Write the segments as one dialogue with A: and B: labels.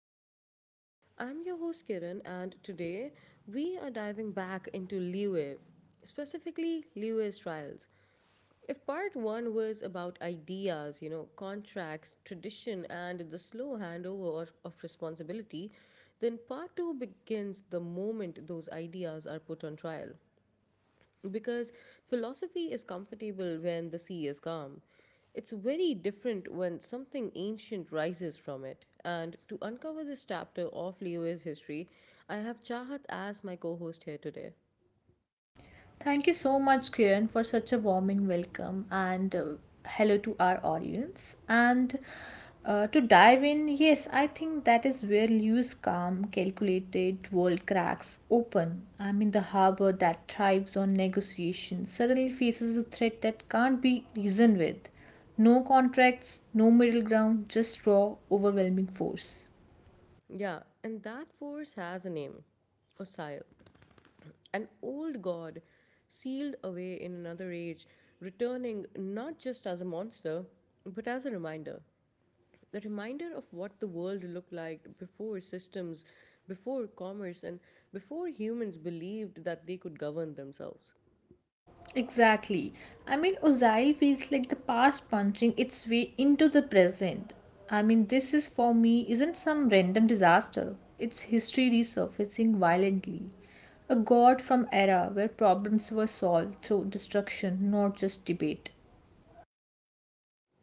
A: Mind Pod. I'm your host Kiran, and today we are diving back into Liu, specifically Liu's trials. If part one was about ideas, you know, contracts, tradition, and the slow handover of responsibility, then part two begins the moment those ideas are put on trial. Because philosophy is comfortable when the sea is calm. It's very different when something ancient rises from it. And to uncover this chapter of Leo's history, I have Chahat as my co host here today.
B: Thank you so much, Kiran, for such a warming welcome and hello to our audience. And To dive in, yes, I think that is where Liu's calm, calculated world cracks open. I mean, the harbor that thrives on negotiation suddenly faces a threat that can't be reasoned with. No contracts, no middle ground, just raw, overwhelming force.
A: Yeah, and that force has a name: Osile, an old god sealed away in another age, returning not just as a monster, but as a reminder. The reminder of what the world looked like before systems, before commerce, and before humans believed that they could govern themselves.
B: Exactly. I mean, Ozai feels like the past punching its way into the present. I mean, this is for me isn't some random disaster. It's history resurfacing violently. A god from era where problems were solved through destruction, not just debate.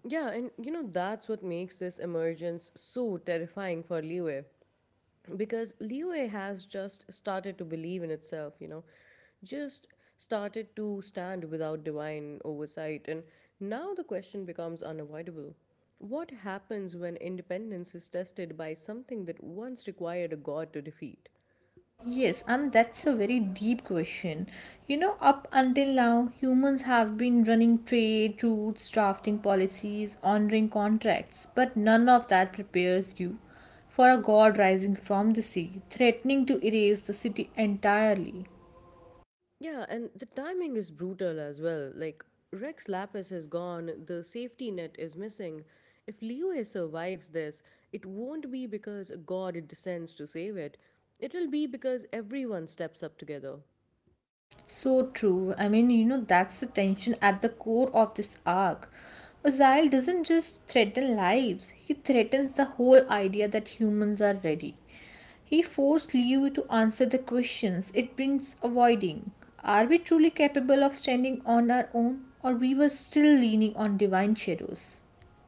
A: Yeah, and you know, that's what makes this emergence so terrifying for Liyue. Because Liyue has just started to believe in itself, you know, just started to stand without divine oversight. And now the question becomes unavoidable. What happens when independence is tested by something that once required a god to defeat?
B: Yes, and that's a very deep question. You know, up until now, humans have been running trade routes, drafting policies, honoring contracts, but none of that prepares you for a god rising from the sea, threatening to erase the city entirely.
A: Yeah, and the timing is brutal as well. Like, Rex Lapis is gone, the safety net is missing. If Liyue survives this, it won't be because God descends to save it. It'll be because everyone steps up together.
B: So true. I mean, you know, that's the tension at the core of this arc. Ozile doesn't just threaten lives, he threatens the whole idea that humans are ready. He forced Liu to answer the questions it brings avoiding. Are we truly capable of standing on our own, or we were still leaning on divine shadows?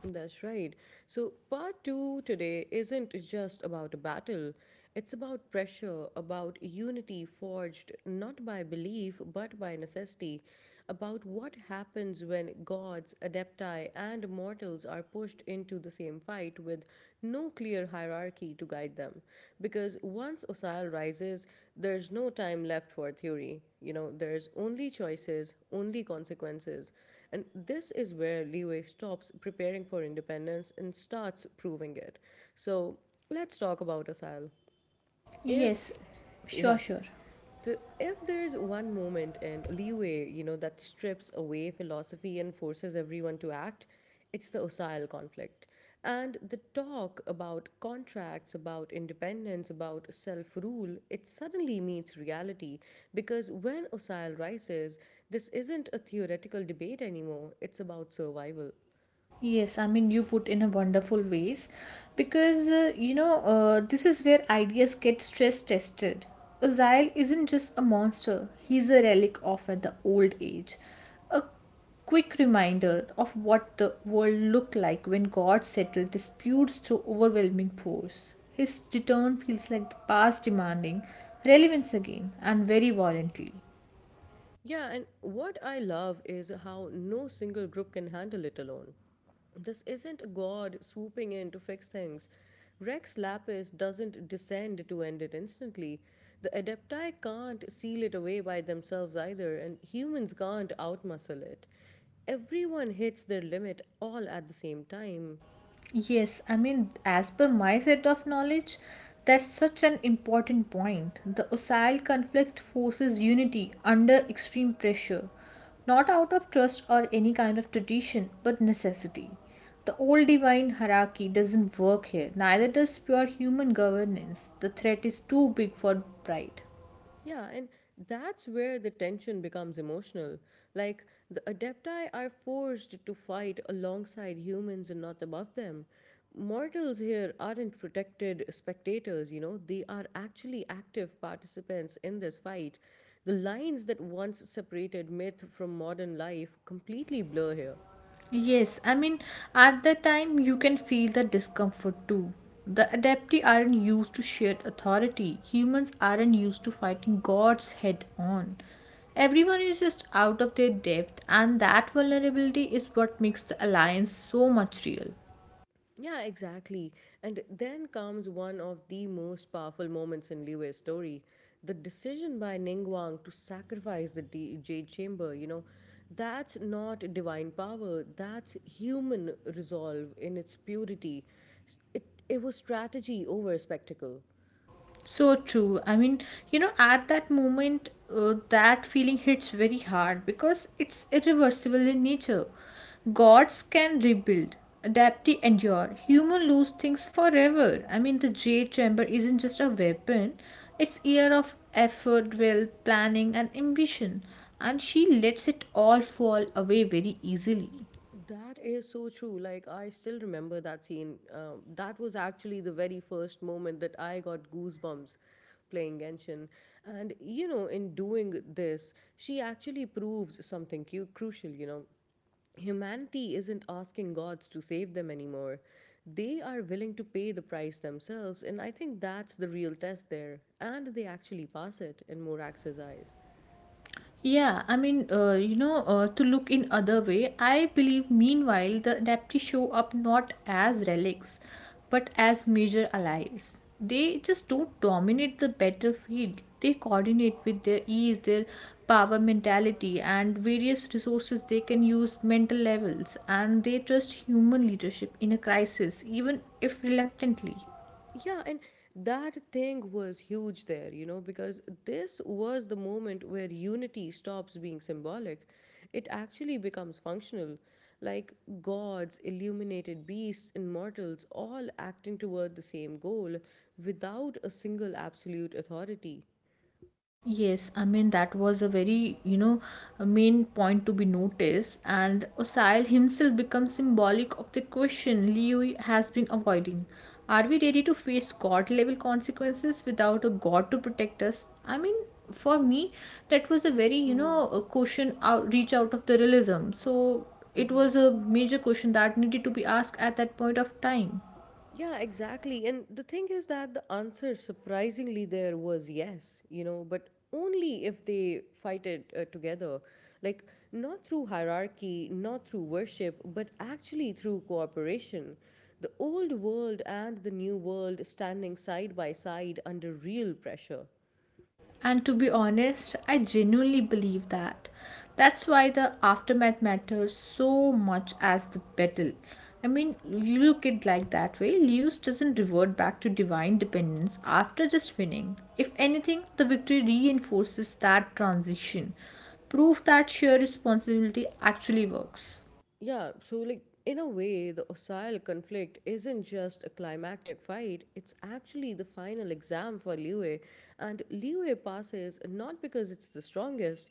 A: That's right. So, part two today isn't just about a battle, it's about pressure, about unity forged not by belief but by necessity, about what happens when gods, adepti, and mortals are pushed into the same fight with no clear hierarchy to guide them. Because once Osile rises, there's no time left for theory. You know, there's only choices, only consequences. And this is where Liwei stops preparing for independence and starts proving it. So let's talk about Asile. If,
B: Yes, sure,
A: yeah,
B: sure.
A: so, if there's one moment in leeway, you know, that strips away philosophy and forces everyone to act, it's the Osile conflict. And the talk about contracts, about independence, about self rule, it suddenly meets reality because when Osile rises, this isn't a theoretical debate anymore, it's about survival.
B: Yes, I mean you put in a wonderful ways because you know this is where ideas get stress tested. Azael isn't just a monster; he's a relic of the old age, a quick reminder of what the world looked like when God settled disputes through overwhelming force. His return feels like the past demanding relevance again and very violently.
A: Yeah, and what I love is how no single group can handle it alone. This isn't a god swooping in to fix things. Rex Lapis doesn't descend to end it instantly. The Adepti can't seal it away by themselves either, and humans can't outmuscle it. Everyone hits their limit all at the same time.
B: Yes, I mean, as per my set of knowledge, that's such an important point. The Osile conflict forces unity under extreme pressure, not out of trust or any kind of tradition, but necessity. The old divine hierarchy doesn't work here, neither does pure human governance. The threat is too big for pride.
A: Yeah, and that's where the tension becomes emotional. Like, the Adepti are forced to fight alongside humans and not above them. Mortals here aren't protected spectators, you know, they are actually active participants in this fight. The lines that once separated myth from modern life completely blur here.
B: Yes, I mean, at that time you can feel the discomfort too. The adepti aren't used to shared authority. Humans aren't used to fighting gods head on. Everyone is just out of their depth, and that vulnerability is what makes the alliance so much real.
A: Yeah, exactly. And then comes one of the most powerful moments in Liu's story: the decision by Ningguang to sacrifice the Jade Chamber. You know, that's not divine power, that's human resolve in its purity. It was strategy over spectacle.
B: So true. I mean, you know, at that moment, that feeling hits very hard because it's irreversible in nature. Gods can rebuild, adapt, endure. Human lose things forever. I mean, the jade chamber isn't just a weapon; it's year of effort, will, planning, and ambition. And she lets it all fall away very easily.
A: That is so true. Like, I still remember that scene. That was actually the very first moment that I got goosebumps playing Genshin. And, you know, in doing this, she actually proves something crucial, you know. Humanity isn't asking gods to save them anymore. They are willing to pay the price themselves, and I think that's the real test there. And they actually pass it in Morax's eyes.
B: Yeah, I mean, you know, to look in other way, I believe meanwhile the Nepti show up not as relics, but as major allies. They just don't dominate the battlefield. They coordinate with their ease, their power mentality, and various resources they can use mental levels, and they trust human leadership in a crisis, even if reluctantly.
A: Yeah, and that thing was huge there, you know, because this was the moment where unity stops being symbolic. It actually becomes functional, like gods, illuminated beasts, and mortals all acting toward the same goal without a single absolute authority.
B: Yes, I mean that was a very, you know, a main point to be noticed, and Osail himself becomes symbolic of the question Liu has been avoiding. Are we ready to face god level consequences without a god to protect us? I mean, for me, that was a very, you
A: Mm-hmm.
B: know, a question out reach out of the realism. So it was a major question that needed to be asked at that point of time.
A: Yeah, exactly. And the thing is that the answer, surprisingly, there was yes, you know, but only if they fight it together. Like, not through hierarchy, not through worship, but actually through cooperation. The old world and the new world standing side by side under real pressure.
B: And to be honest, I genuinely believe that. That's why the aftermath matters so much as the battle. I mean, you look at like that way, Lewis doesn't revert back to divine dependence after just winning. If anything, the victory reinforces that transition, proof that sheer responsibility actually works.
A: Yeah, so like in a way, the Osile conflict isn't just a climactic fight, it's actually the final exam for Liyue. And Liyue passes not because it's the strongest,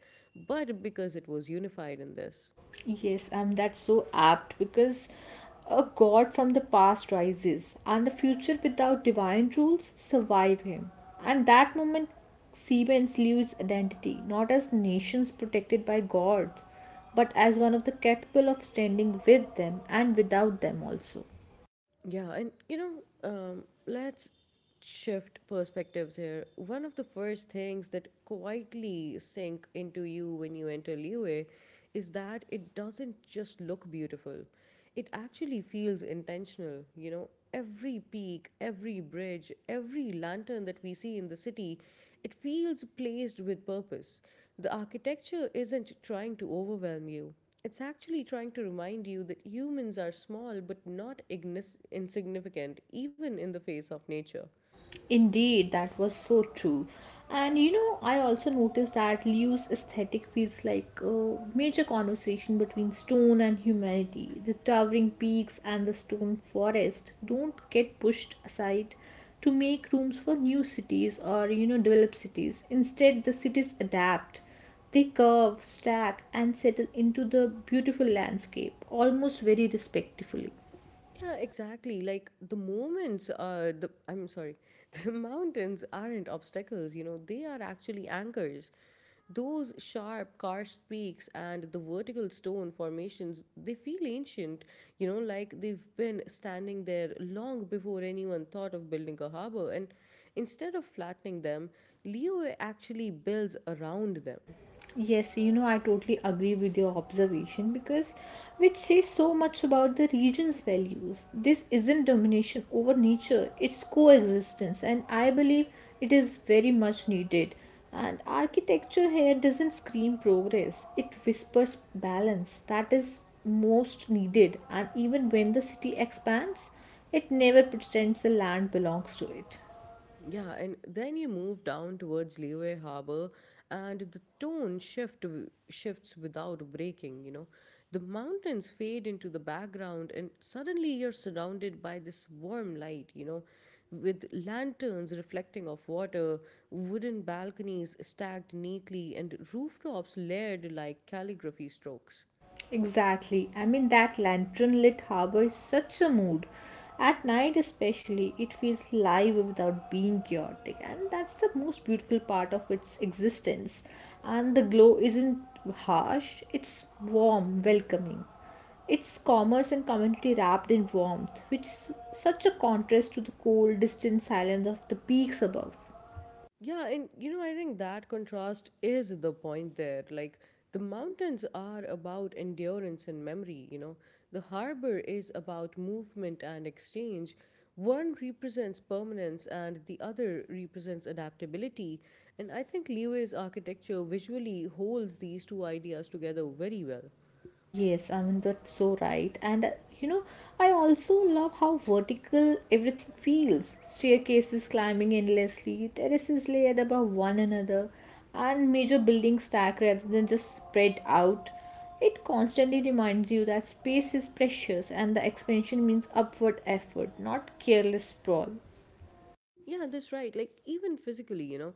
A: but because it was unified in this.
B: Yes, that's so apt because a god from the past rises, and the future without divine rules survive him. And that moment, Siemens leaves identity not as nations protected by gods, but as one of the capable of standing with them and without them also.
A: Yeah, and you know, let's shift perspectives here. One of the first things that quietly sink into you when you enter Liyue is that it doesn't just look beautiful, it actually feels intentional. You know, every peak, every bridge, every lantern that we see in the city, it feels placed with purpose. The architecture isn't trying to overwhelm you. It's actually trying to remind you that humans are small but not insignificant, even in the face of nature.
B: Indeed, that was so true. And you know, I also noticed that Liu's aesthetic feels like a major conversation between stone and humanity. The towering peaks and the stone forest don't get pushed aside to make rooms for new cities or you know, developed cities. Instead, the cities adapt. They curve, stack, and settle into the beautiful landscape almost very respectfully.
A: Yeah, exactly. Like the moments, the mountains aren't obstacles. You know, they are actually anchors. Those sharp karst peaks and the vertical stone formations, they feel ancient. You know, like they've been standing there long before anyone thought of building a harbor. And instead of flattening them, Liyue actually builds around them.
B: Yes, you know, I totally agree with your observation because which says so much about the region's values. This isn't domination over nature, it's coexistence, and I believe it is very much needed. And architecture here doesn't scream progress, it whispers balance that is most needed. And even when the city expands, it never pretends the land belongs to it.
A: Yeah, and then you move down towards Leeway Harbor, and the tone shifts without breaking. You know, the mountains fade into the background, and suddenly you're surrounded by this warm light. You know, with lanterns reflecting off water, wooden balconies stacked neatly, and rooftops layered like calligraphy strokes.
B: Exactly. I mean, that lantern lit harbor is such a mood. At night, especially, it feels live without being chaotic, and that's the most beautiful part of its existence. And the glow isn't harsh, it's warm, welcoming. It's commerce and community wrapped in warmth, which is such a contrast to the cold, distant silence of the peaks above.
A: Yeah, and you know, I think that contrast is the point there. Like, the mountains are about endurance and memory, you know, the harbor is about movement and exchange. One represents permanence and the other represents adaptability. And I think Liyue's architecture visually holds these two ideas together very well.
B: Yes, I mean that's so right. And You know, I also love how vertical everything feels. Staircases climbing endlessly, terraces layered above one another, and major buildings stacked rather than just spread out. It constantly reminds you that space is precious and the expansion means upward effort, not careless sprawl.
A: Yeah, that's right. Like, even physically, you know,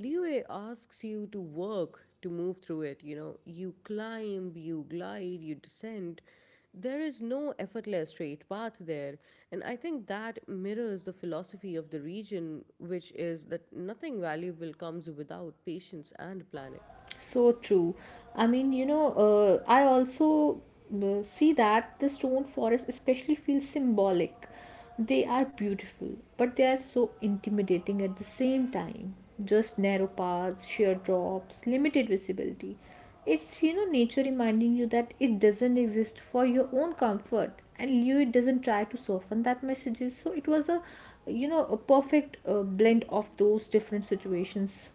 A: Liyue asks you to work to move through it. You know, you climb, you glide, you descend. There is no effortless straight path there. And I think that mirrors the philosophy of the region, which is that nothing valuable comes without patience and planning.
B: So true. I mean, you know, I also see that the stone forests especially feel symbolic. They are beautiful, but they are so intimidating at the same time. Just narrow paths, sheer drops, limited visibility. It's, you know, nature reminding you that it doesn't exist for your own comfort. And you, it doesn't try to soften that message. So it was a, you know, a perfect blend of those different situations.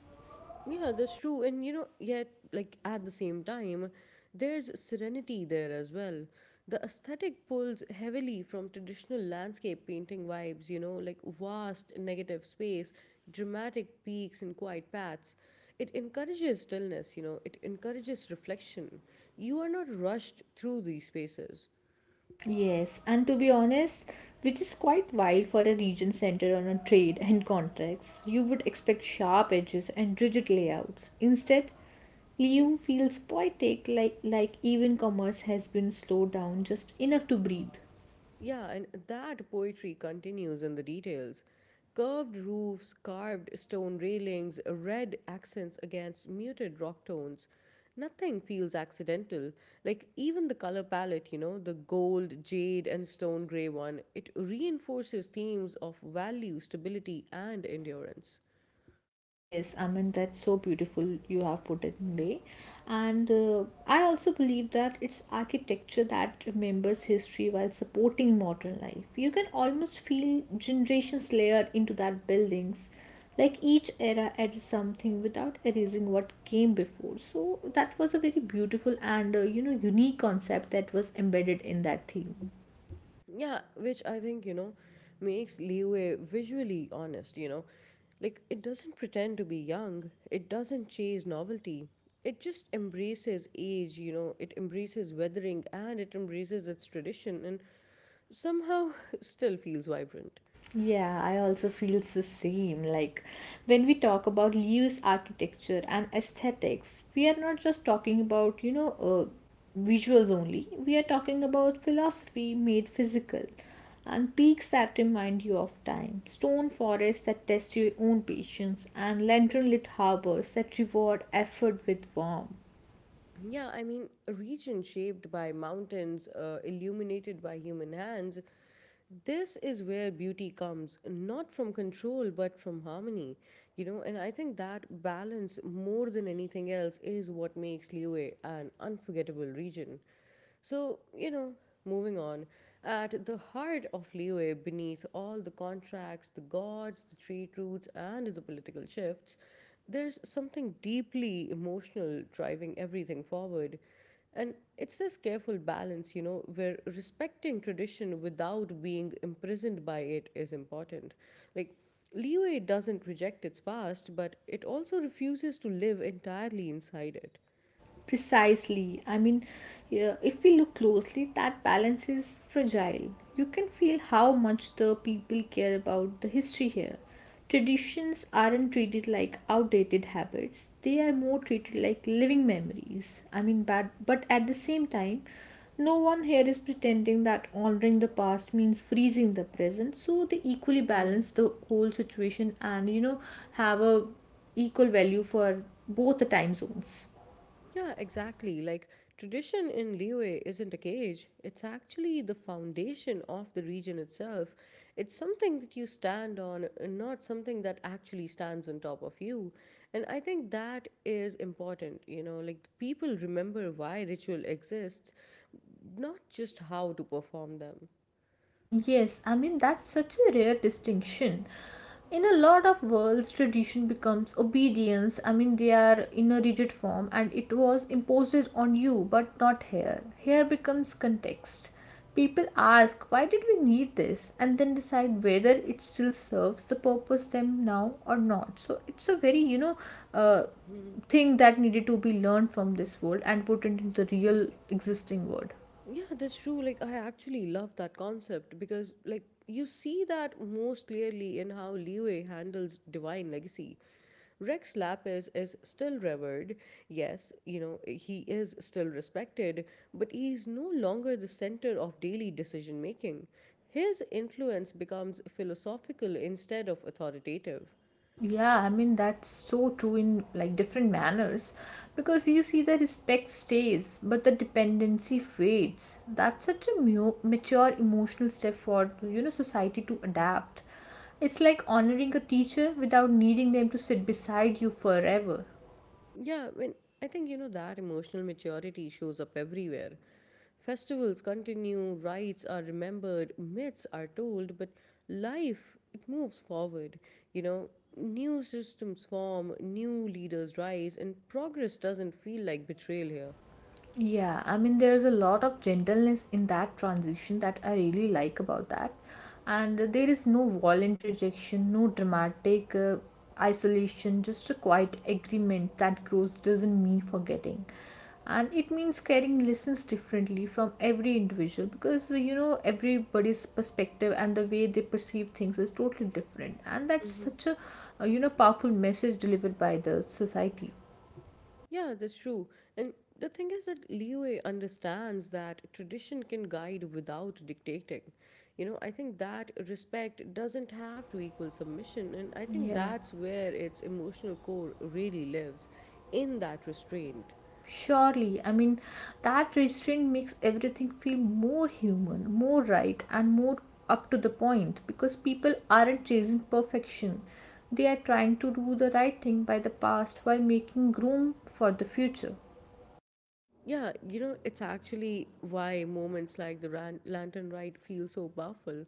A: Yeah, that's true. And you know, yet, like, at the same time, there's serenity there as well. The aesthetic pulls heavily from traditional landscape painting vibes, you know, like vast negative space, dramatic peaks, and quiet paths. It encourages stillness, you know, it encourages reflection. You are not rushed through these spaces.
B: Yes, and to be honest, which is quite wild for a region centered on a trade and contracts. You would expect sharp edges and rigid layouts. Instead, Liu feels poetic, like even commerce has been slowed down just enough to breathe.
A: Yeah, and that poetry continues in the details. Curved roofs, carved stone railings, red accents against muted rock tones. Nothing feels accidental. Like, even the color palette, you know, the gold, jade, and stone gray one, it reinforces themes of value, stability, and endurance.
B: Yes, I mean, that's so beautiful you have put it in way. And I also believe that it's architecture that remembers history while supporting modern life. You can almost feel generations layered into that buildings. Like each era adds something without erasing what came before. So that was a very beautiful and you know unique concept that was embedded in that theme.
A: Yeah, which I think, you know, makes Leeway visually honest, you know. Like, it doesn't pretend to be young, it doesn't chase novelty. It just embraces age, you know, it embraces weathering and it embraces its tradition and somehow still feels vibrant.
B: Yeah, I also feel the same. Like when we talk about Liu's architecture and aesthetics, we are not just talking about, you know, visuals only. We are talking about philosophy made physical and peaks that remind you of time, stone forests that test your own patience, and lantern lit harbors that reward effort with warmth.
A: Yeah, I mean, a region shaped by mountains, illuminated by human hands, this is where beauty comes, not from control, but from harmony, you know. And I think that balance, more than anything else, is what makes Liyue an unforgettable region. So, you know, moving on, at the heart of Liyue, beneath all the contracts, the gods, the trade routes, and the political shifts, there's something deeply emotional driving everything forward. And it's this careful balance, you know, where respecting tradition without being imprisoned by it is important. Like, leeway doesn't reject its past, but it also refuses to live entirely inside
B: Precisely. I mean, yeah, if we look closely, that balance is fragile. You can feel how much the people care about the history here. Traditions aren't treated like outdated habits, they are more treated like living memories. I mean, but at the same time, no one here is pretending that honoring the past means freezing the present, so they equally
A: it.
B: balance the whole situation and you know have a equal value for both the time zones.
A: Yeah, exactly. Like tradition in Liyue isn't a cage. It's actually the foundation of the region itself. It's something that you stand on, and not something that actually stands on top of you. And I think that is important, you know, like people remember why ritual exists, not just how to perform them.
B: Yes, I mean that's such a rare distinction. In a lot of worlds, tradition becomes obedience. I mean, they are in a rigid form and it was imposed on you, but not here. Here becomes context. People ask, why did we need this? And then decide whether it still serves the purpose them now or not. So it's a very, you know, uh, thing that needed to be learned from this world and put into the real existing world.
A: Yeah, that's true. Like, I actually love that concept because, like, you see that most clearly in how Liyue handles divine legacy. Rex Lapis is still revered. Yes, you know, he is still respected, but he is no longer the center of daily decision making. His influence becomes philosophical instead of authoritative.
B: Yeah, I mean that's so true in like different manners because you see the respect stays but the dependency fades. That's such a mature emotional step for you know society to adapt. It's like honoring a teacher without needing them to sit beside you forever.
A: Yeah, I mean, I think you know that emotional maturity shows up everywhere. Festivals continue, rights are remembered, myths are told, but life it moves forward. You know, new systems form, new leaders rise, and progress doesn't feel like betrayal
B: Yeah, I mean, there's a lot of gentleness in that transition that I really like about that. And there is no violent rejection, no dramatic isolation, just a quiet agreement that growth doesn't mean forgetting. And it means carrying lessons differently from every individual because you know everybody's perspective and the way they perceive things is totally different. And that's
A: here.
B: such a you know powerful message delivered by the society.
A: Yeah, that's true. And the thing is that Liyue understands that tradition can guide without dictating. You know, I think that respect doesn't have to equal submission. And I think
B: Yeah.
A: that's where its emotional core really lives in that restraint.
B: Surely, I mean, that restraint makes everything feel more human, more right, and more up to the point because people aren't chasing perfection. They are trying to do the right thing by the past while making room for the future.
A: Yeah, you know, it's actually why moments like the lantern ride feel so powerful.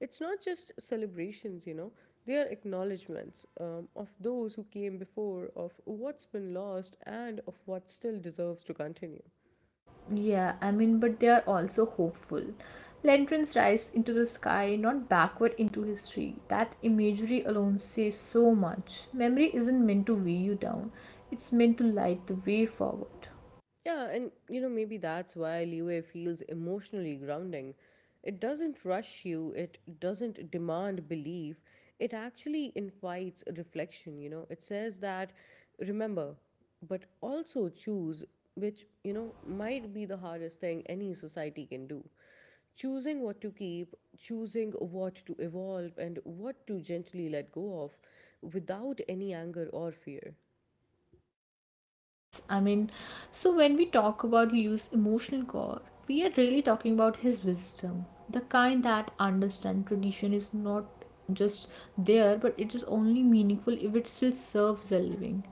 A: It's not just celebrations, you know, they are acknowledgements of those who came before, of what's been lost, and of what still deserves to continue.
B: Yeah, I mean, but they are also hopeful. Lanterns rise into the sky, not backward into history. That imagery alone says so much. Memory isn't meant to weigh you down, it's meant to light the way forward.
A: Yeah, and you know, maybe that's why leeway feels emotionally grounding. It doesn't rush you, it doesn't demand belief, it actually invites reflection. You know, it says that remember, but also choose, which, you know, might be the hardest thing any society can do. Choosing what to keep, choosing what to evolve, and what to gently let go of without any anger or fear.
B: Yes, I mean, so when we talk about Liu's emotional core, we are really talking about his wisdom, the kind that understand tradition is not just there, but it is only meaningful if it still serves the living,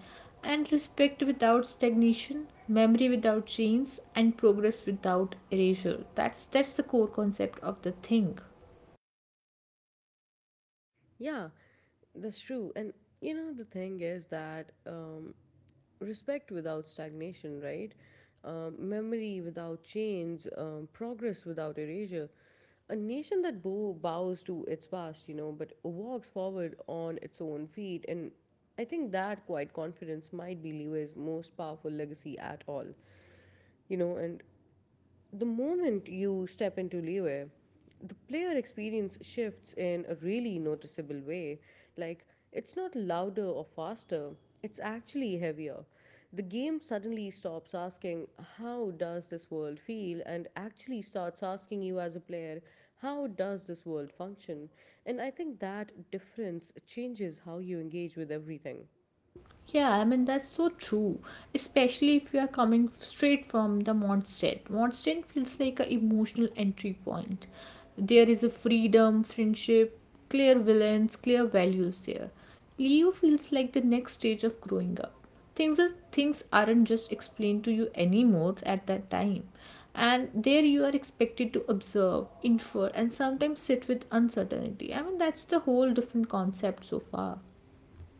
B: and respect without stagnation, memory without chains, and progress without erasure. That's the core concept of the thing.
A: Yeah, that's true. And the thing is that respect without stagnation, right? Memory without change, progress without erasure. A nation that bows to its past, you know, but walks forward on its own feet. And I think that quiet confidence might be Leeway's most powerful legacy at all. You know, and the moment you step into Liyue, the player experience shifts in a really noticeable way. Like, it's not louder or faster, it's actually heavier. The game suddenly stops asking, how does this world feel? And actually starts asking you as a player, how does this world function? And I think that difference changes how you engage with everything.
B: Yeah, I mean that's so true. Especially if you are coming straight from the Mondstadt. Mondstadt feels like an emotional entry point. There is a freedom, friendship, clear villains, clear values there. Leo feels like the next stage of growing up. Things aren't just explained to you anymore at that time. And there you are expected to observe, infer, and sometimes sit with uncertainty. I mean that's the whole different concept so far.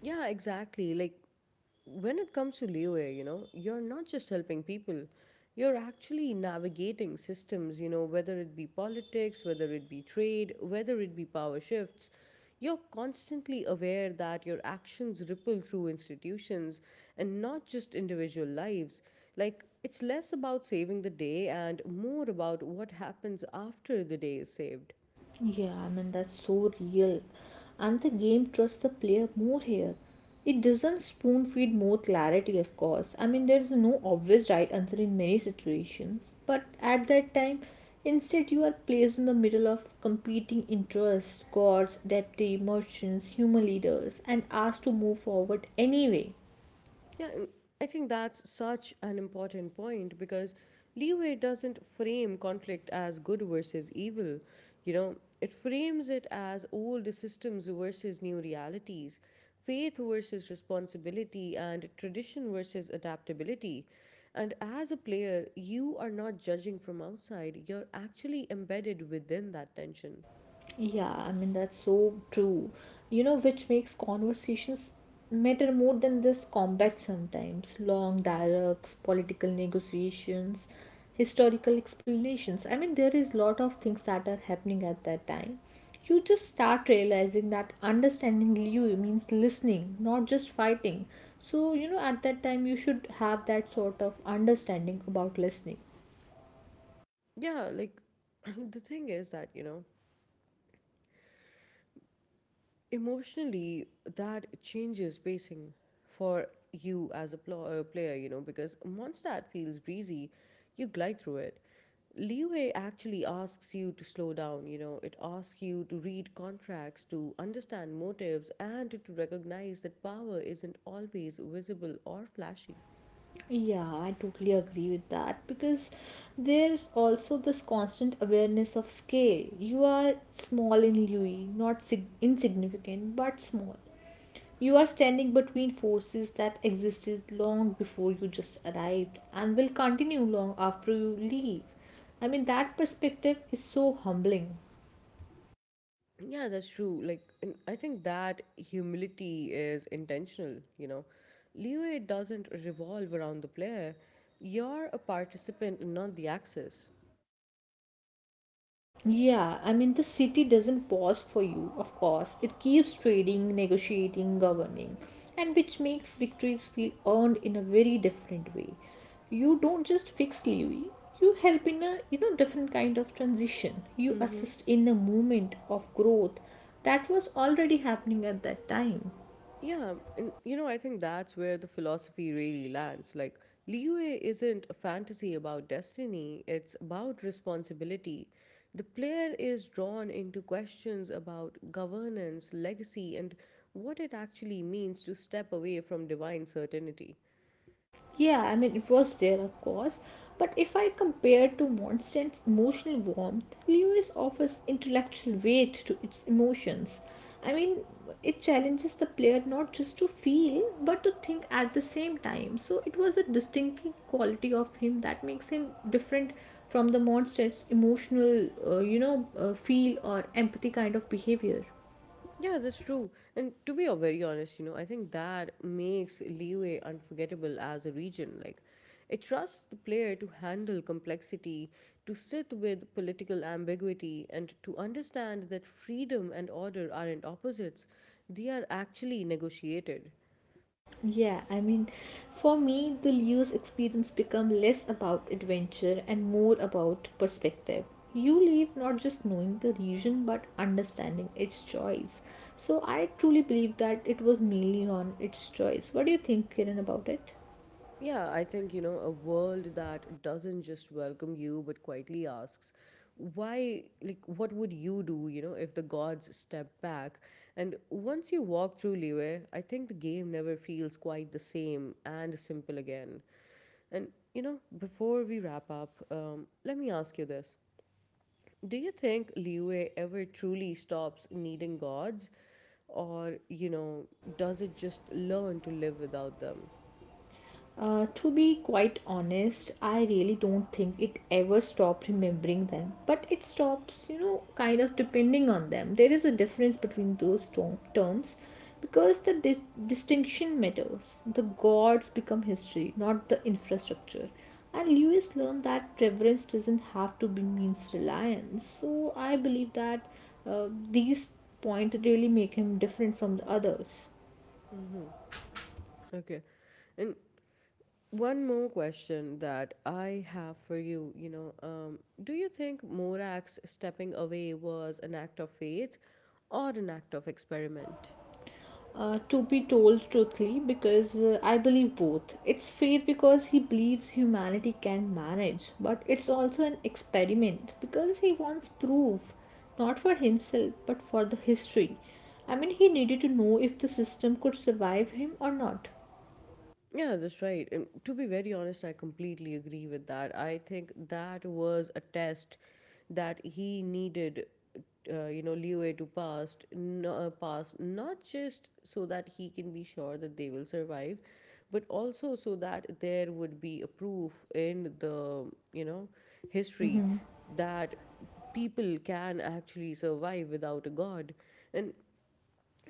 A: Yeah, exactly. Like when it comes to leeway, you know, you're not just helping people, you're actually navigating systems, you know, whether it be politics, whether it be trade, whether it be power shifts. You're constantly aware that your actions ripple through institutions and not just individual lives. Like, it's less about saving the day and more about what happens after the day is saved.
B: Yeah, I mean, that's so real. And the game trusts the player more here. It doesn't spoon feed more clarity, of course. I mean, there's no obvious right answer in many situations. But at that time, instead, you are placed in the middle of competing interests, gods, deity, merchants, human leaders, and asked to move forward anyway.
A: Yeah, and I think that's such an important point because leeway doesn't frame conflict as good versus evil. You know, it frames it as old systems versus new realities, faith versus responsibility, and tradition versus adaptability. And as a player, you are not judging from outside, you're actually embedded within that tension.
B: Yeah, I mean, that's so true. You know, which makes conversations matter more than this combat sometimes. Long dialogues, political negotiations, historical explanations. I mean, there is lot of things that are happening at that time. You just start realizing that understanding Liu means listening, not just fighting. So, you know, at that time, you should have that sort of understanding about listening.
A: Yeah, like the thing is that, you know, emotionally that changes pacing for you as a player, you know, because once that feels breezy you glide through it. Leeway actually asks you to slow down, you know, it asks you to read contracts, to understand motives, and to recognize that power isn't always visible or flashy.
B: Yeah, I totally agree with that because there's also this constant awareness of scale. You are small in Louis, not insignificant, but small. You are standing between forces that existed long before you just arrived and will continue long after you leave. I mean, that perspective is so humbling.
A: Yeah, that's true. Like, and I think that humility is intentional, you know. Leeway doesn't revolve around the player. You're a participant and not the axis.
B: Yeah, I mean, the city doesn't pause for you, of course. It keeps trading, negotiating, governing, and which makes victories feel earned in a very different way. You don't just fix Levy, you help in a you know different kind of transition. You
A: Mm-hmm.
B: assist in a movement of growth that was already happening at that time.
A: Yeah, and you know, I think that's where the philosophy really lands. Like, leeway isn't a fantasy about destiny, it's about responsibility. The player is drawn into questions about governance, legacy, and what it actually means to step away from divine certainty.
B: Yeah, I mean, it was there, of course. But if I compare to Monstand's emotional warmth, Lewis offers intellectual weight to its emotions. I mean, it challenges the player not just to feel, but to think at the same time. So it was a distinctive quality of him that makes him different from the Monstand's emotional, you know, feel or empathy kind of behavior.
A: Yeah, that's true. And to be very honest, you know, I think that makes Leeway unforgettable as a region. Like, it trusts the player to handle complexity, to sit with political ambiguity, and to understand that freedom and order aren't opposites, they are actually negotiated.
B: Yeah, I mean, for me, the Lewis experience become less about adventure and more about perspective. You leave not just knowing the region but understanding its choice. So I truly believe that it was mainly on its choice. What do you think, Kiran, about it?
A: Yeah, I think, you know, a world that doesn't just welcome you but quietly asks, why, like, what would you do, you know, if the gods step back? And once you walk through Liyue, I think the game never feels quite the same and simple again. And, you know, before we wrap up, let me ask you this. Do you think Liyue ever truly stops needing gods? Or, you know, does it just learn to live without them?
B: To be quite honest, I really don't think it ever stopped remembering them, but it stops, you know, kind of depending on them. There is a difference between those terms because the distinction matters. The gods become history, not the infrastructure. And Lewis learned that preference doesn't have to be means reliance. So I believe that uh, these point really make him different from the others.
A: Mm-hmm. Okay. And one more question that I have for you, you know, do you think Morak's stepping away was an act of faith or an act of experiment?
B: Uh, to be told truthfully because I believe both. It's faith because he believes humanity can manage, but it's also an experiment because he wants proof, not for himself but for the history. I mean, he needed to know if the system could survive him or not.
A: Yeah, that's right. And to be very honest, I completely agree with that. I think that was a test that he needed, you know, leeway to pass, pass, not just so that he can be sure that they will survive, but also so that there would be a proof in the, you know, history that people can actually survive without a god. And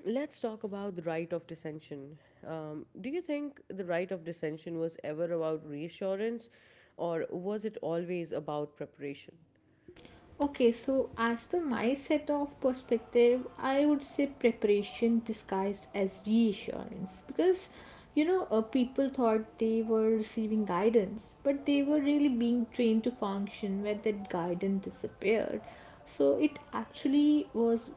A: let's talk about the right of dissension. Do you think the right of dissension was ever about reassurance, or was it always about preparation?
B: Okay, so as per my set of perspective, I would say preparation disguised as reassurance because you know people thought they were receiving guidance, but they were really being trained to function where that guidance disappeared. So it actually was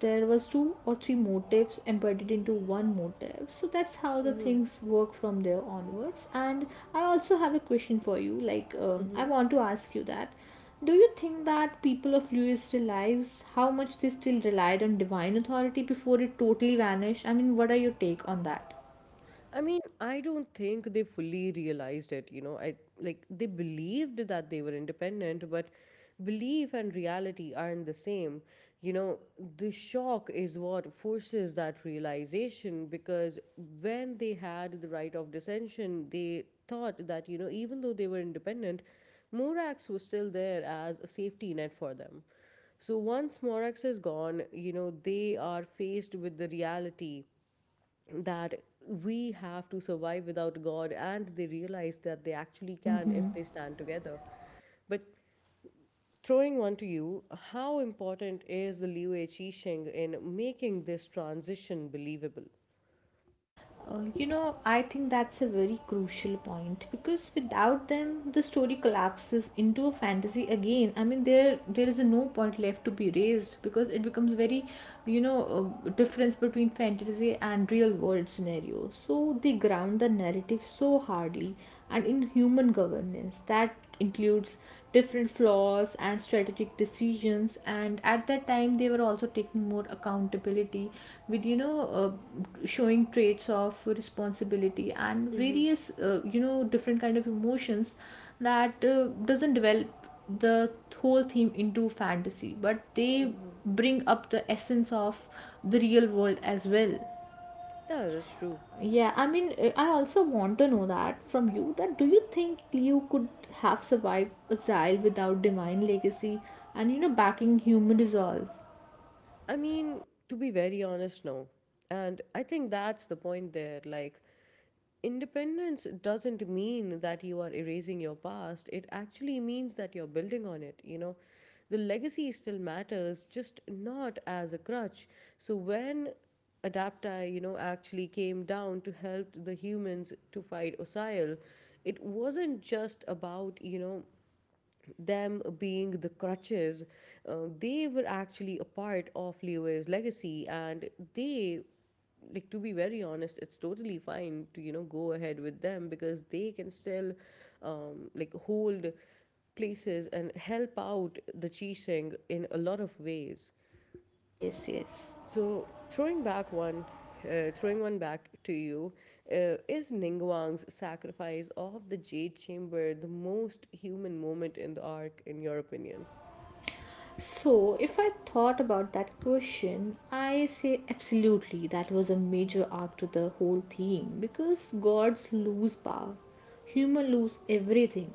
B: there was two or three motifs embedded into one motif, so that's how the
A: Mm-hmm.
B: things work from there onwards. And I also have a question for you, like I want to ask you that, do you think that people of lewis realized how much they still relied on divine authority before it totally vanished? I mean what are your take on that?
A: I mean, I don't think they fully realized it, you know. I like they believed that they were independent, but belief and reality aren't the same. You know, the shock is what forces that realization because when they had the right of dissension, they thought that, you know, even though they were independent, Morax was still there as a safety net for them. So once Morax is gone, you know, they are faced with the reality that we have to survive without God, and they realize that they actually can if they stand together. But throwing one to you, how important is the Liu Wei Qixing in making this transition believable?
B: You know, I think that's a very crucial point because without them, the story collapses into a fantasy again. I mean, there is a no point left to be raised because it becomes very, you know, difference between fantasy and real world scenarios. So they ground the narrative so hardly and in human governance that includes different flaws and strategic decisions, and at that time they were also taking more accountability with you know showing traits of responsibility and various you know different kind of emotions that doesn't develop the whole theme into fantasy, but they bring up the essence of the real world as well.
A: Yeah, that's true.
B: Yeah, I mean, I also want to know that from you, that do you think you could have survived exile without divine legacy and you know backing human resolve?
A: I mean, to be very honest, no. And I think that's the point there. Like, independence doesn't mean that you are erasing your past, it actually means that you're building on it, you know. The legacy still matters, just not as a crutch. So, when Adapti, you know, actually came down to help the humans to fight Osile, it wasn't just about, you know, them being the crutches, they were actually a part of Leo's legacy, and they, like to be very honest, it's totally fine to you know go ahead with them because they can still, like hold places and help out the Chising in a lot of ways.
B: Yes, yes.
A: So throwing back one, throwing one back to you, is Ningguang's sacrifice of the Jade Chamber the most human moment in the arc, in your opinion?
B: So, if I thought about that question, I say absolutely that was a major arc to the whole theme because gods lose power, human lose everything.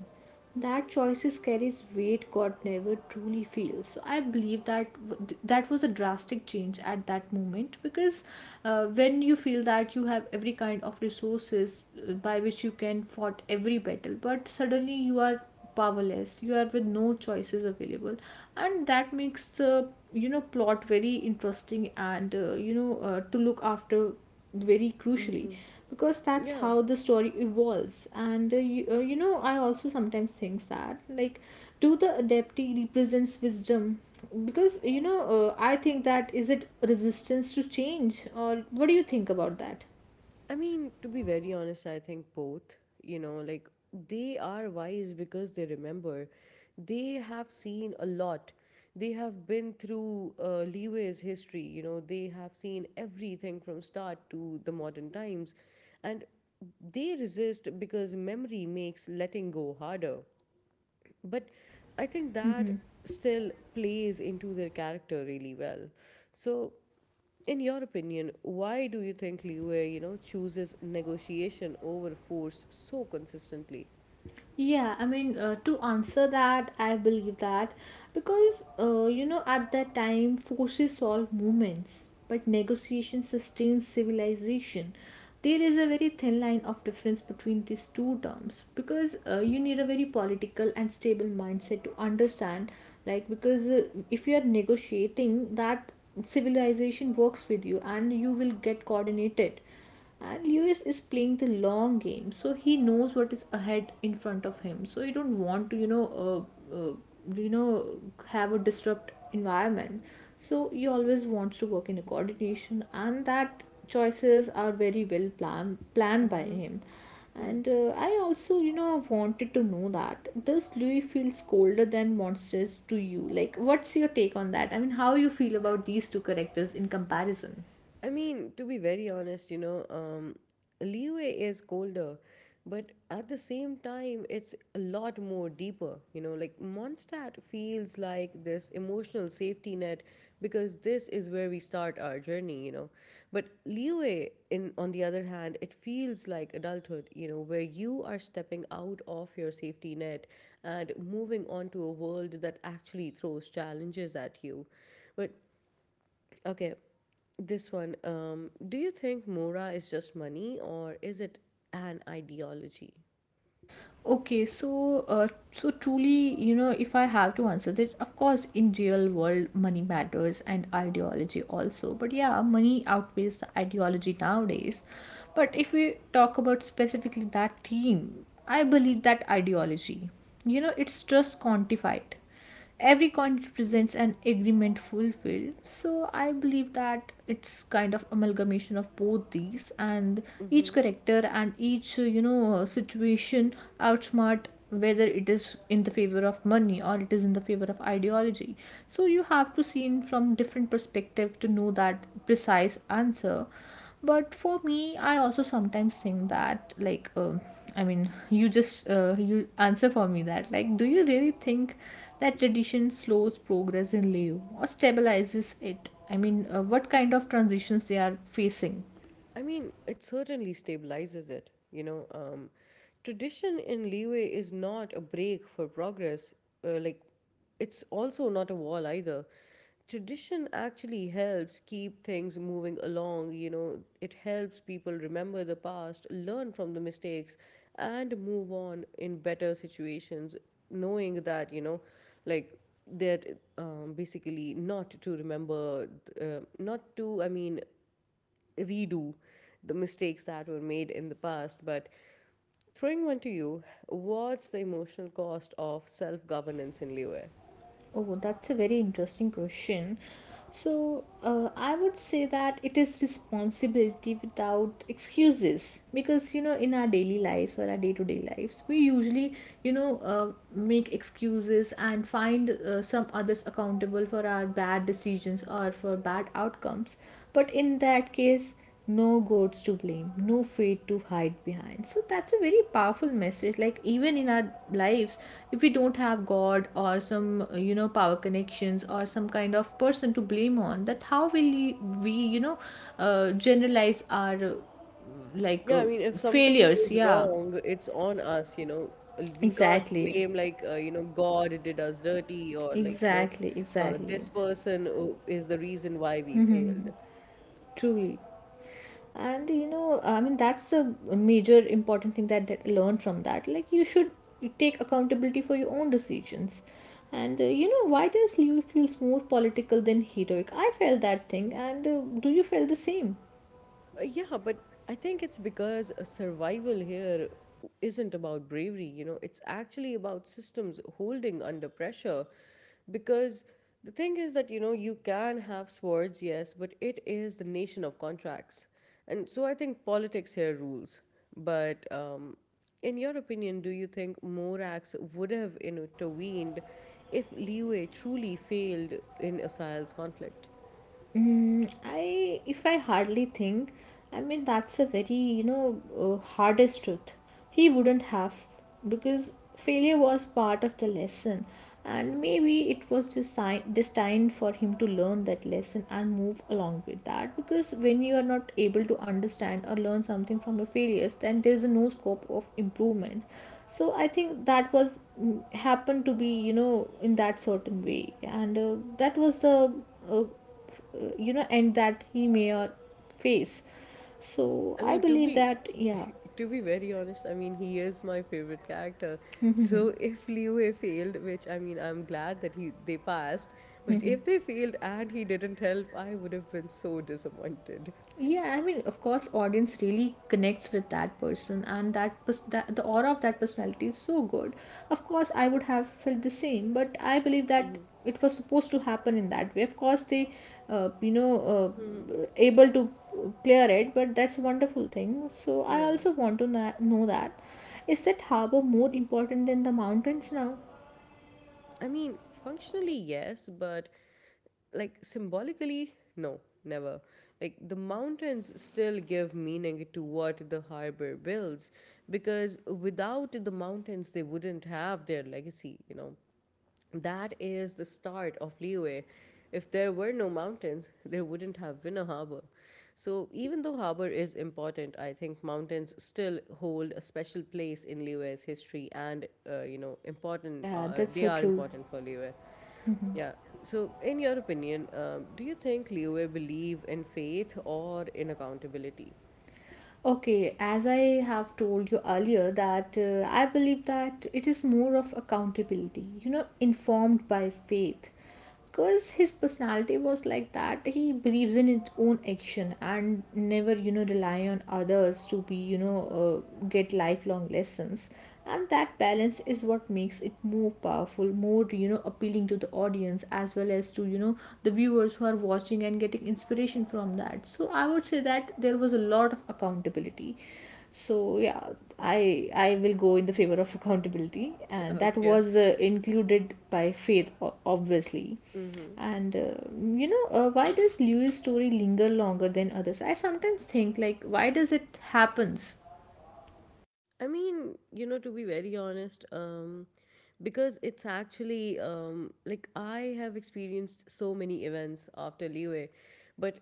B: That choices carries weight God never truly feels. So I believe that that was a drastic change at that moment because when you feel that you have every kind of resources by which you can fought every battle, but suddenly you are powerless, you are with no choices available, and that makes the you know plot very interesting and you know to look after very crucially
A: Mm-hmm.
B: because that's
A: Yeah.
B: how the story evolves. And you, you know I also sometimes think that, like, do the adepti represents wisdom? Because you know I think that, is it resistance to change, or what do you think about that?
A: I mean, to be very honest, I think both, you know, like they are wise because they remember. They have seen a lot. They have been through Leeway's history, you know, they have seen everything from start to the modern times. And they resist because memory makes letting go harder. But I think that still plays into their character really well. So, in your opinion, why do you think Liu, Wei, you know, chooses negotiation over force so consistently?
B: Yeah, I mean, to answer that, I believe that because you know, at that time, forces solve movements, but negotiation sustains civilization. There is a very thin line of difference between these two terms because you need a very political and stable mindset to understand. Like, because if you are negotiating, that civilization works with you and you will get coordinated, and lewis is playing the long game, so he knows what is ahead in front of him, so you don't want to you know have a disrupt environment, so he always wants to work in a coordination, and that choices are very well planned by
A: Mm-hmm.
B: him. And I also you know wanted to know that, does louis feels colder than monsters to you? Like what's your take on that? I mean how you feel about these two characters in comparison?
A: I mean, to be very honest, you know, leeway is colder, but at the same time, it's a lot more deeper. You know, like Mondstadt feels like this emotional safety net because this is where we start our journey. You know, but leeway, in on the other hand, it feels like adulthood. You know, where you are stepping out of your safety net and moving on to a world that actually throws challenges at you. But okay, this one, do you think Mora is just money or is it an ideology?
B: Okay, so so truly, you know, if I have to answer that, of course, in real world, money matters and ideology also. But yeah, money outweighs the ideology nowadays. But if we talk about specifically that theme, I believe that ideology, you know, it's just quantified, every coin represents an agreement fulfilled, so I believe that it's kind of amalgamation of both these, and each
A: Mm-hmm.
B: character and each you know situation outsmart, whether it is in the favor of money or it is in the favor of ideology, so you have to see in from different perspective to know that precise answer. But for me I also sometimes think that, like, I mean, you just you answer for me that. Like, do you really think that tradition slows progress in Leo or stabilizes it? I mean, what kind of transitions they are facing?
A: I mean, it certainly stabilizes it. You know, tradition in leeway is not a break for progress. Like, it's also not a wall either. Tradition actually helps keep things moving along. You know, it helps people remember the past, learn from the mistakes, and move on in better situations, knowing that, you know, like, that basically not to remember, not to, I mean, redo the mistakes that were made in the past. But throwing one to you, what's the emotional cost of self governance in Liyue?
B: Oh, that's a very interesting question. So, I would say that it is responsibility without excuses because you know, in our daily lives or our day to day lives, we usually, you know, make excuses and find some others accountable for our bad decisions or for bad outcomes. But in that case, no gods to blame, no fate to hide behind. So that's a very powerful message. Like even in our lives, if we don't have God or some you know power connections or some kind of person to blame on, that how will we, we you know generalize our like
A: Yeah,
B: uh,
A: I mean, if something
B: failures?
A: goes
B: Yeah,
A: wrong, it's on us, you know. We can't
B: exactly,
A: blame, like, you know, God did us dirty or, like, you know,
B: exactly.
A: this person is the reason why we
B: Hmm.
A: failed.
B: Truly. And you know I mean that's the major important thing that, I learned from that, like you should take accountability for your own decisions. And you know, why does Liu feels more political than heroic? I felt that thing, and do you feel the same?
A: Yeah, but I think it's because survival here isn't about bravery, you know, it's actually about systems holding under pressure. Because the thing is that, you know, you can have swords, yes, but it is the nation of contracts. And so I think politics here rules. But in your opinion, do you think Morax would have intervened if Liu truly failed in Asil's conflict?
B: I if I hardly think, I mean that's a very you know hardest truth. He wouldn't have because failure was part of the lesson, and maybe it was designed destined for him to learn that lesson and move along with that. Because when you are not able to understand or learn something from your failures, then there is no scope of improvement. So I think that was happened to be in that certain way, and that was the uh, and that he may or face so
A: I
B: I
A: mean, to
B: believe
A: be
B: that, yeah.
A: to be very honest, I mean, he is my favorite character. So if Liu Wei failed, which I mean, I'm glad that he they passed, but if they failed and he didn't help, I would have been so disappointed.
B: Yeah, I mean of course audience really connects with that person and that the aura of that personality is so good. Of course I would have felt the same, but I believe that
A: Hmm.
B: it was supposed to happen in that way. Of course they
A: Hmm.
B: able to clear it, but that's a wonderful thing. So I
A: Yeah.
B: also want to know that, is that harbor more important than the mountains now?
A: I mean, functionally, yes, but like symbolically, no, never. Like the mountains still give meaning to what the harbor builds because without the mountains, they wouldn't have their legacy, you know. That is the start of leeway. If there were no mountains, there wouldn't have been a harbor. So, even though harbor is important, I think mountains still hold a special place in Leeway's history and, you know, important,
B: Yeah, that's
A: they
B: so
A: are
B: true.
A: important for Leeway. Yeah. So, in your opinion, do you think Leeway believe in faith or in accountability?
B: Okay, as I have told you earlier, that I believe that it is more of accountability, you know, informed by faith. Because his personality was like that, he believes in his own action and never, you know, rely on others to be, you know, get lifelong lessons, and that balance is what makes it more powerful, more, you know, appealing to the audience as well as to, you know, the viewers who are watching and getting inspiration from that. So I would say that there was a lot of accountability, so yeah. I will go in the favor of accountability, and that
A: Okay.
B: was included by faith obviously.
A: Mm-hmm.
B: And why does Lewis story linger longer than others? I sometimes think, like, why does it happens?
A: I mean, you know, to be very honest, because it's actually like I have experienced so many events after Leeway, but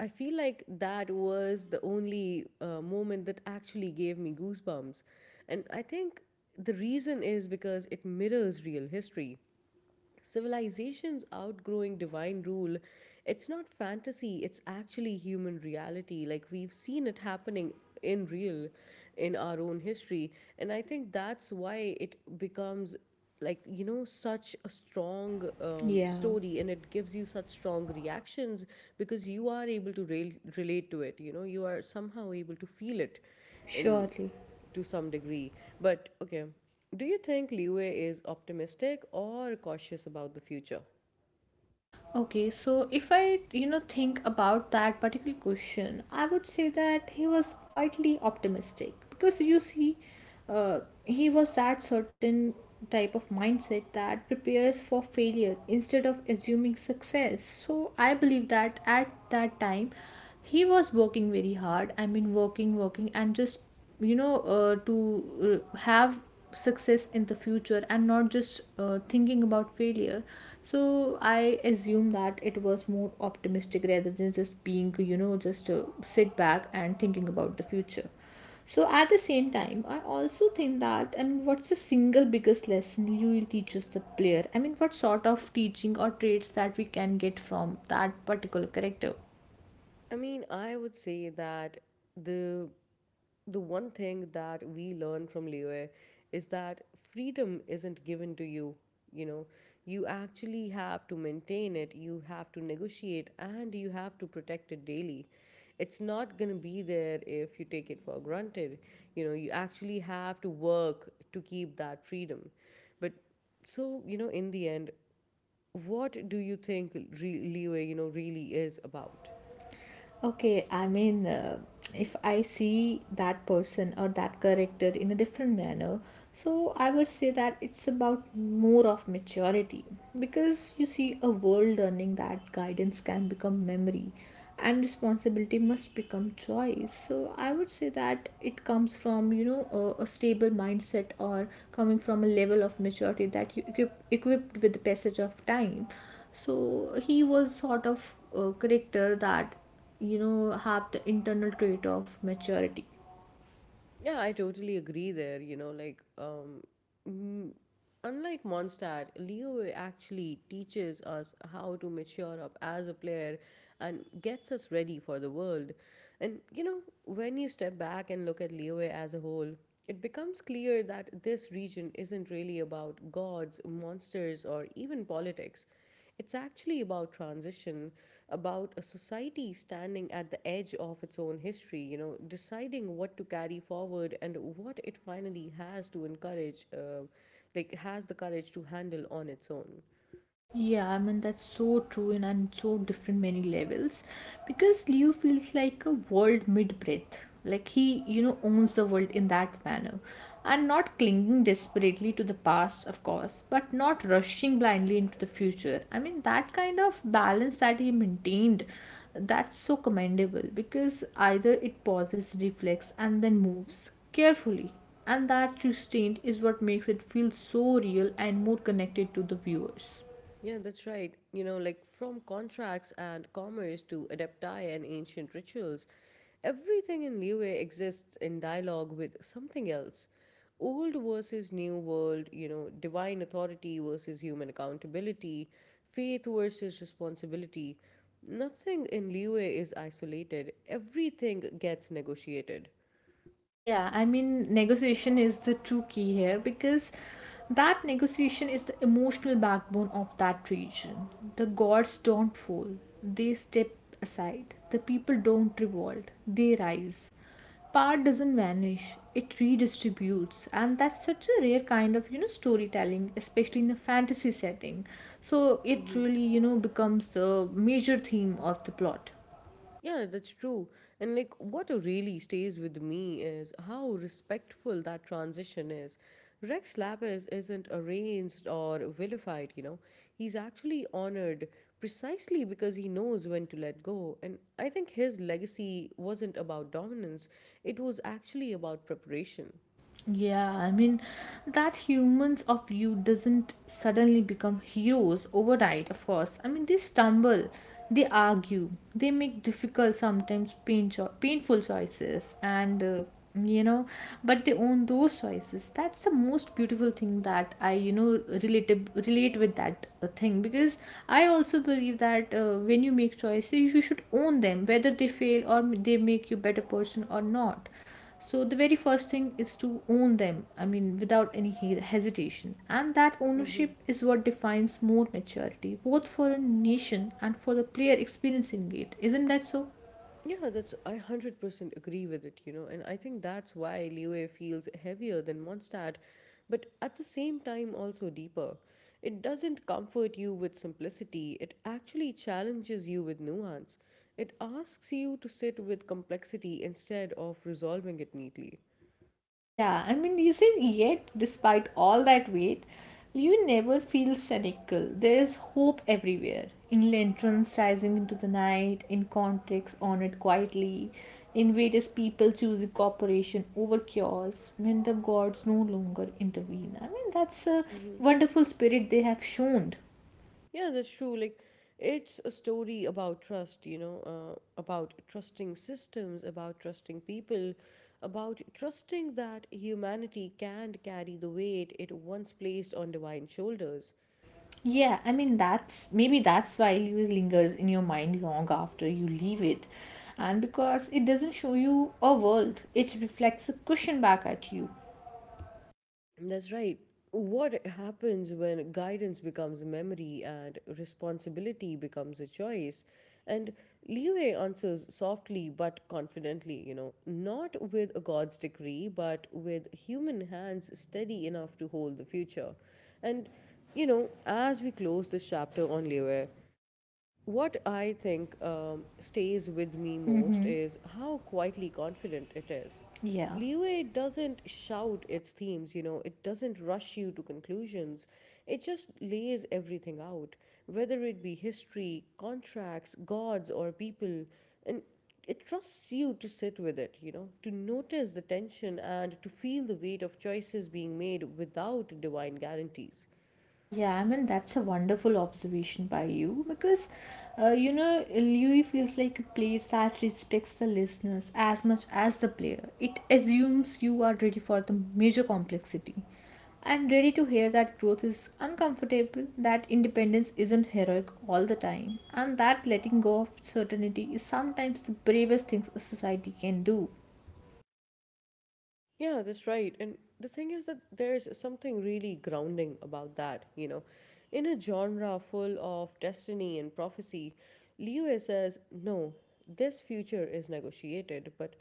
A: I feel like that was the only moment that actually gave me goosebumps. And I think the reason is because it mirrors real history. Civilizations outgrowing divine rule, it's not fantasy, it's actually human reality. Like we've seen it happening in real in our own history. And I think that's why it becomes such a strong
B: Yeah,
A: story, and it gives you such strong reactions because you are able to relate to it. You are somehow able to feel it in
B: surely.
A: to some degree. But okay, do you think Liu Wei is optimistic or cautious about the future?
B: Okay, so if I, you know, think about that particular question, I would say that he was quietly optimistic because you see, he was that certain type of mindset that prepares for failure instead of assuming success. So I believe that at that time, he was working very hard. I mean, working, and just, to have success in the future and not just thinking about failure. So I assume that it was more optimistic rather than just being, you know, just sit back and thinking about the future. So at the same time I also think that, I mean, what's the single biggest lesson you will teach as the player? I mean, what sort of teaching or traits that we can get from that particular character?
A: I mean, I would say that the the one thing that we learn from Liyue is that freedom isn't given to you. You know, you actually have to maintain it, you have to negotiate, and you have to protect it daily. It's not going to be there if you take it for granted. You know, you actually have to work to keep that freedom. But so, you know, in the end, what do you think Liyue, you know, really is about?
B: Okay, I mean, if I see that person or that character in a different manner, so I would say that it's about more of maturity because you see, a world learning that guidance can become memory and responsibility must become choice. So I would say that it comes from, you know, a stable mindset, or coming from a level of maturity that you equipped with the passage of time. So he was sort of a character that, you know, have the internal trait of maturity.
A: Yeah, I totally agree there. Mm, Unlike Mondstadt, Leo actually teaches us how to mature up as a player and gets us ready for the world. And, you know, when you step back and look at Leo as a whole, it becomes clear that this region isn't really about gods, monsters, or even politics. It's actually about transition, about a society standing at the edge of its own history, you know, deciding what to carry forward and what it finally has to has the courage to handle on its own.
B: Yeah, I mean that's so true and on so different many levels because Leo feels like a world mid breath. Like he, you know, owns the world in that manner. And not clinging desperately to the past, of course, but not rushing blindly into the future. I mean that kind of balance that he maintained, that's so commendable because either it pauses, reflects, and then moves carefully. And that restraint is what makes it feel so real and more connected to the viewers.
A: Yeah, that's right. You know, like from contracts and commerce to adepti and ancient rituals, everything in Liyue exists in dialogue with something else. Old versus new world, you know, divine authority versus human accountability, faith versus responsibility. Nothing in Liyue is isolated, everything gets negotiated.
B: Yeah, I mean, negotiation is the true key here because that negotiation is the emotional backbone of that region. The gods don't fall, they step aside. The people don't revolt, they rise. Power doesn't vanish, it redistributes, and that's such a rare kind of, you know, storytelling, especially in a fantasy setting. So it
A: Mm-hmm.
B: really, you know, becomes the major theme of the plot.
A: Yeah, that's true. And like what really stays with me is how respectful that transition is. Rex Lapis isn't arranged or vilified, you know. He's actually honored precisely because he knows when to let go. And I think his legacy wasn't about dominance, it was actually about preparation.
B: Yeah, I mean, that humans of you doesn't suddenly become heroes overnight, of course. I mean, they stumble, they argue, they make difficult, sometimes painful choices, and you know, but they own those choices. That's the most beautiful thing that I, you know, relate with that thing because I also believe that when you make choices, you should own them, whether they fail or they make you better person or not. So the very first thing is to own them, I mean without any hesitation, and that
A: Mm-hmm.
B: ownership is what defines more maturity, both for a nation and for the player experiencing it, isn't that so?
A: Yeah, that's, I 100% agree with it, you know, and I think that's why Liyue feels heavier than Mondstadt, but at the same time also deeper. It doesn't comfort you with simplicity, it actually challenges you with nuance. It asks you to sit with complexity instead of resolving it neatly.
B: Yeah, I mean, you said yet, despite all that weight, you never feel cynical. There is hope everywhere. In lanterns rising into the night, in contracts honored quietly, in various people choosing cooperation over chaos, when the gods no longer intervene. I mean, that's a
A: Mm-hmm.
B: wonderful spirit they have shown.
A: Yeah, that's true. Like, it's a story about trust, you know, about trusting systems, about trusting people, about trusting that humanity can carry the weight it once placed on divine shoulders.
B: Yeah, I mean that's maybe that's why you lingers in your mind long after you leave it. And because it doesn't show you a world, it reflects a question back at you.
A: That's right. What happens when guidance becomes memory and responsibility becomes a choice? And Liwei answers softly but confidently, you know, not with a god's decree, but with human hands steady enough to hold the future. And, you know, as we close this chapter on Liwei, what I think stays with me most is how quietly confident it is.
B: Yeah.
A: Leeway doesn't shout its themes, you know, it doesn't rush you to conclusions. It just lays everything out, whether it be history, contracts, gods, or people. And it trusts you to sit with it, you know, to notice the tension and to feel the weight of choices being made without divine guarantees.
B: Yeah, I mean, that's a wonderful observation by you because, you know, Louis feels like a place that respects the listeners as much as the player. It assumes you are ready for the major complexity and ready to hear that growth is uncomfortable, that independence isn't heroic all the time, and that letting go of certainty is sometimes the bravest thing a society can do.
A: Yeah, that's right. And the thing is that there's something really grounding about that, you know. In a genre full of destiny and prophecy, Liyue says, no, this future is negotiated, but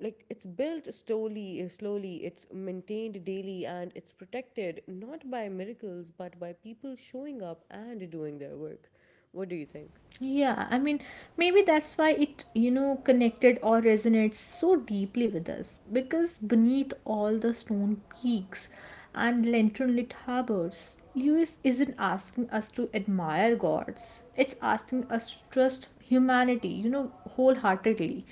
A: like it's built slowly, slowly, it's maintained daily, and it's protected not by miracles, but by people showing up and doing their work. What do you think?
B: Yeah, I mean, maybe that's why it, you know, connected or resonates so deeply with us. Because beneath all the stone peaks and lantern lit harbors, Lewis isn't asking us to admire gods, it's asking us to trust humanity, you know, wholeheartedly.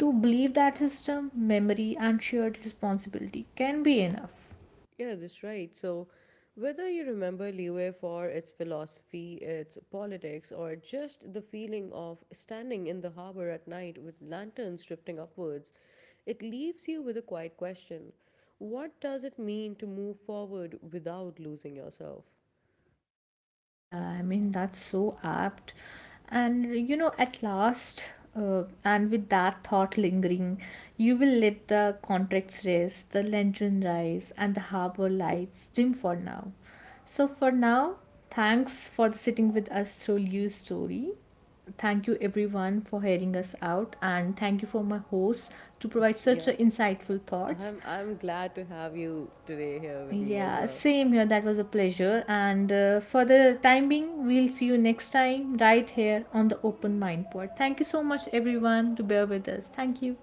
B: To believe that system, memory, and shared responsibility can be enough.
A: Yeah, that's right. So, whether you remember Leeway for its philosophy, its politics, or just the feeling of standing in the harbor at night with lanterns drifting upwards, it leaves you with a quiet question. What does it mean to move forward without losing yourself?
B: Yeah, I mean, that's so apt. And you know, at last, and with that thought lingering, you will let the contracts rest, the lantern rise, and the harbor lights dim for now. So, for now, thanks for sitting with us through Liu's story. Thank you, everyone, for hearing us out, and thank you for my host to provide such a
A: Yeah,
B: insightful thoughts.
A: I'm glad to have you today here with me as
B: Yeah,
A: well.
B: same here. That was a pleasure. And for the time being, we'll see you next time right here on the Open Mind Pod. Thank you so much, everyone, to bear with us. Thank you.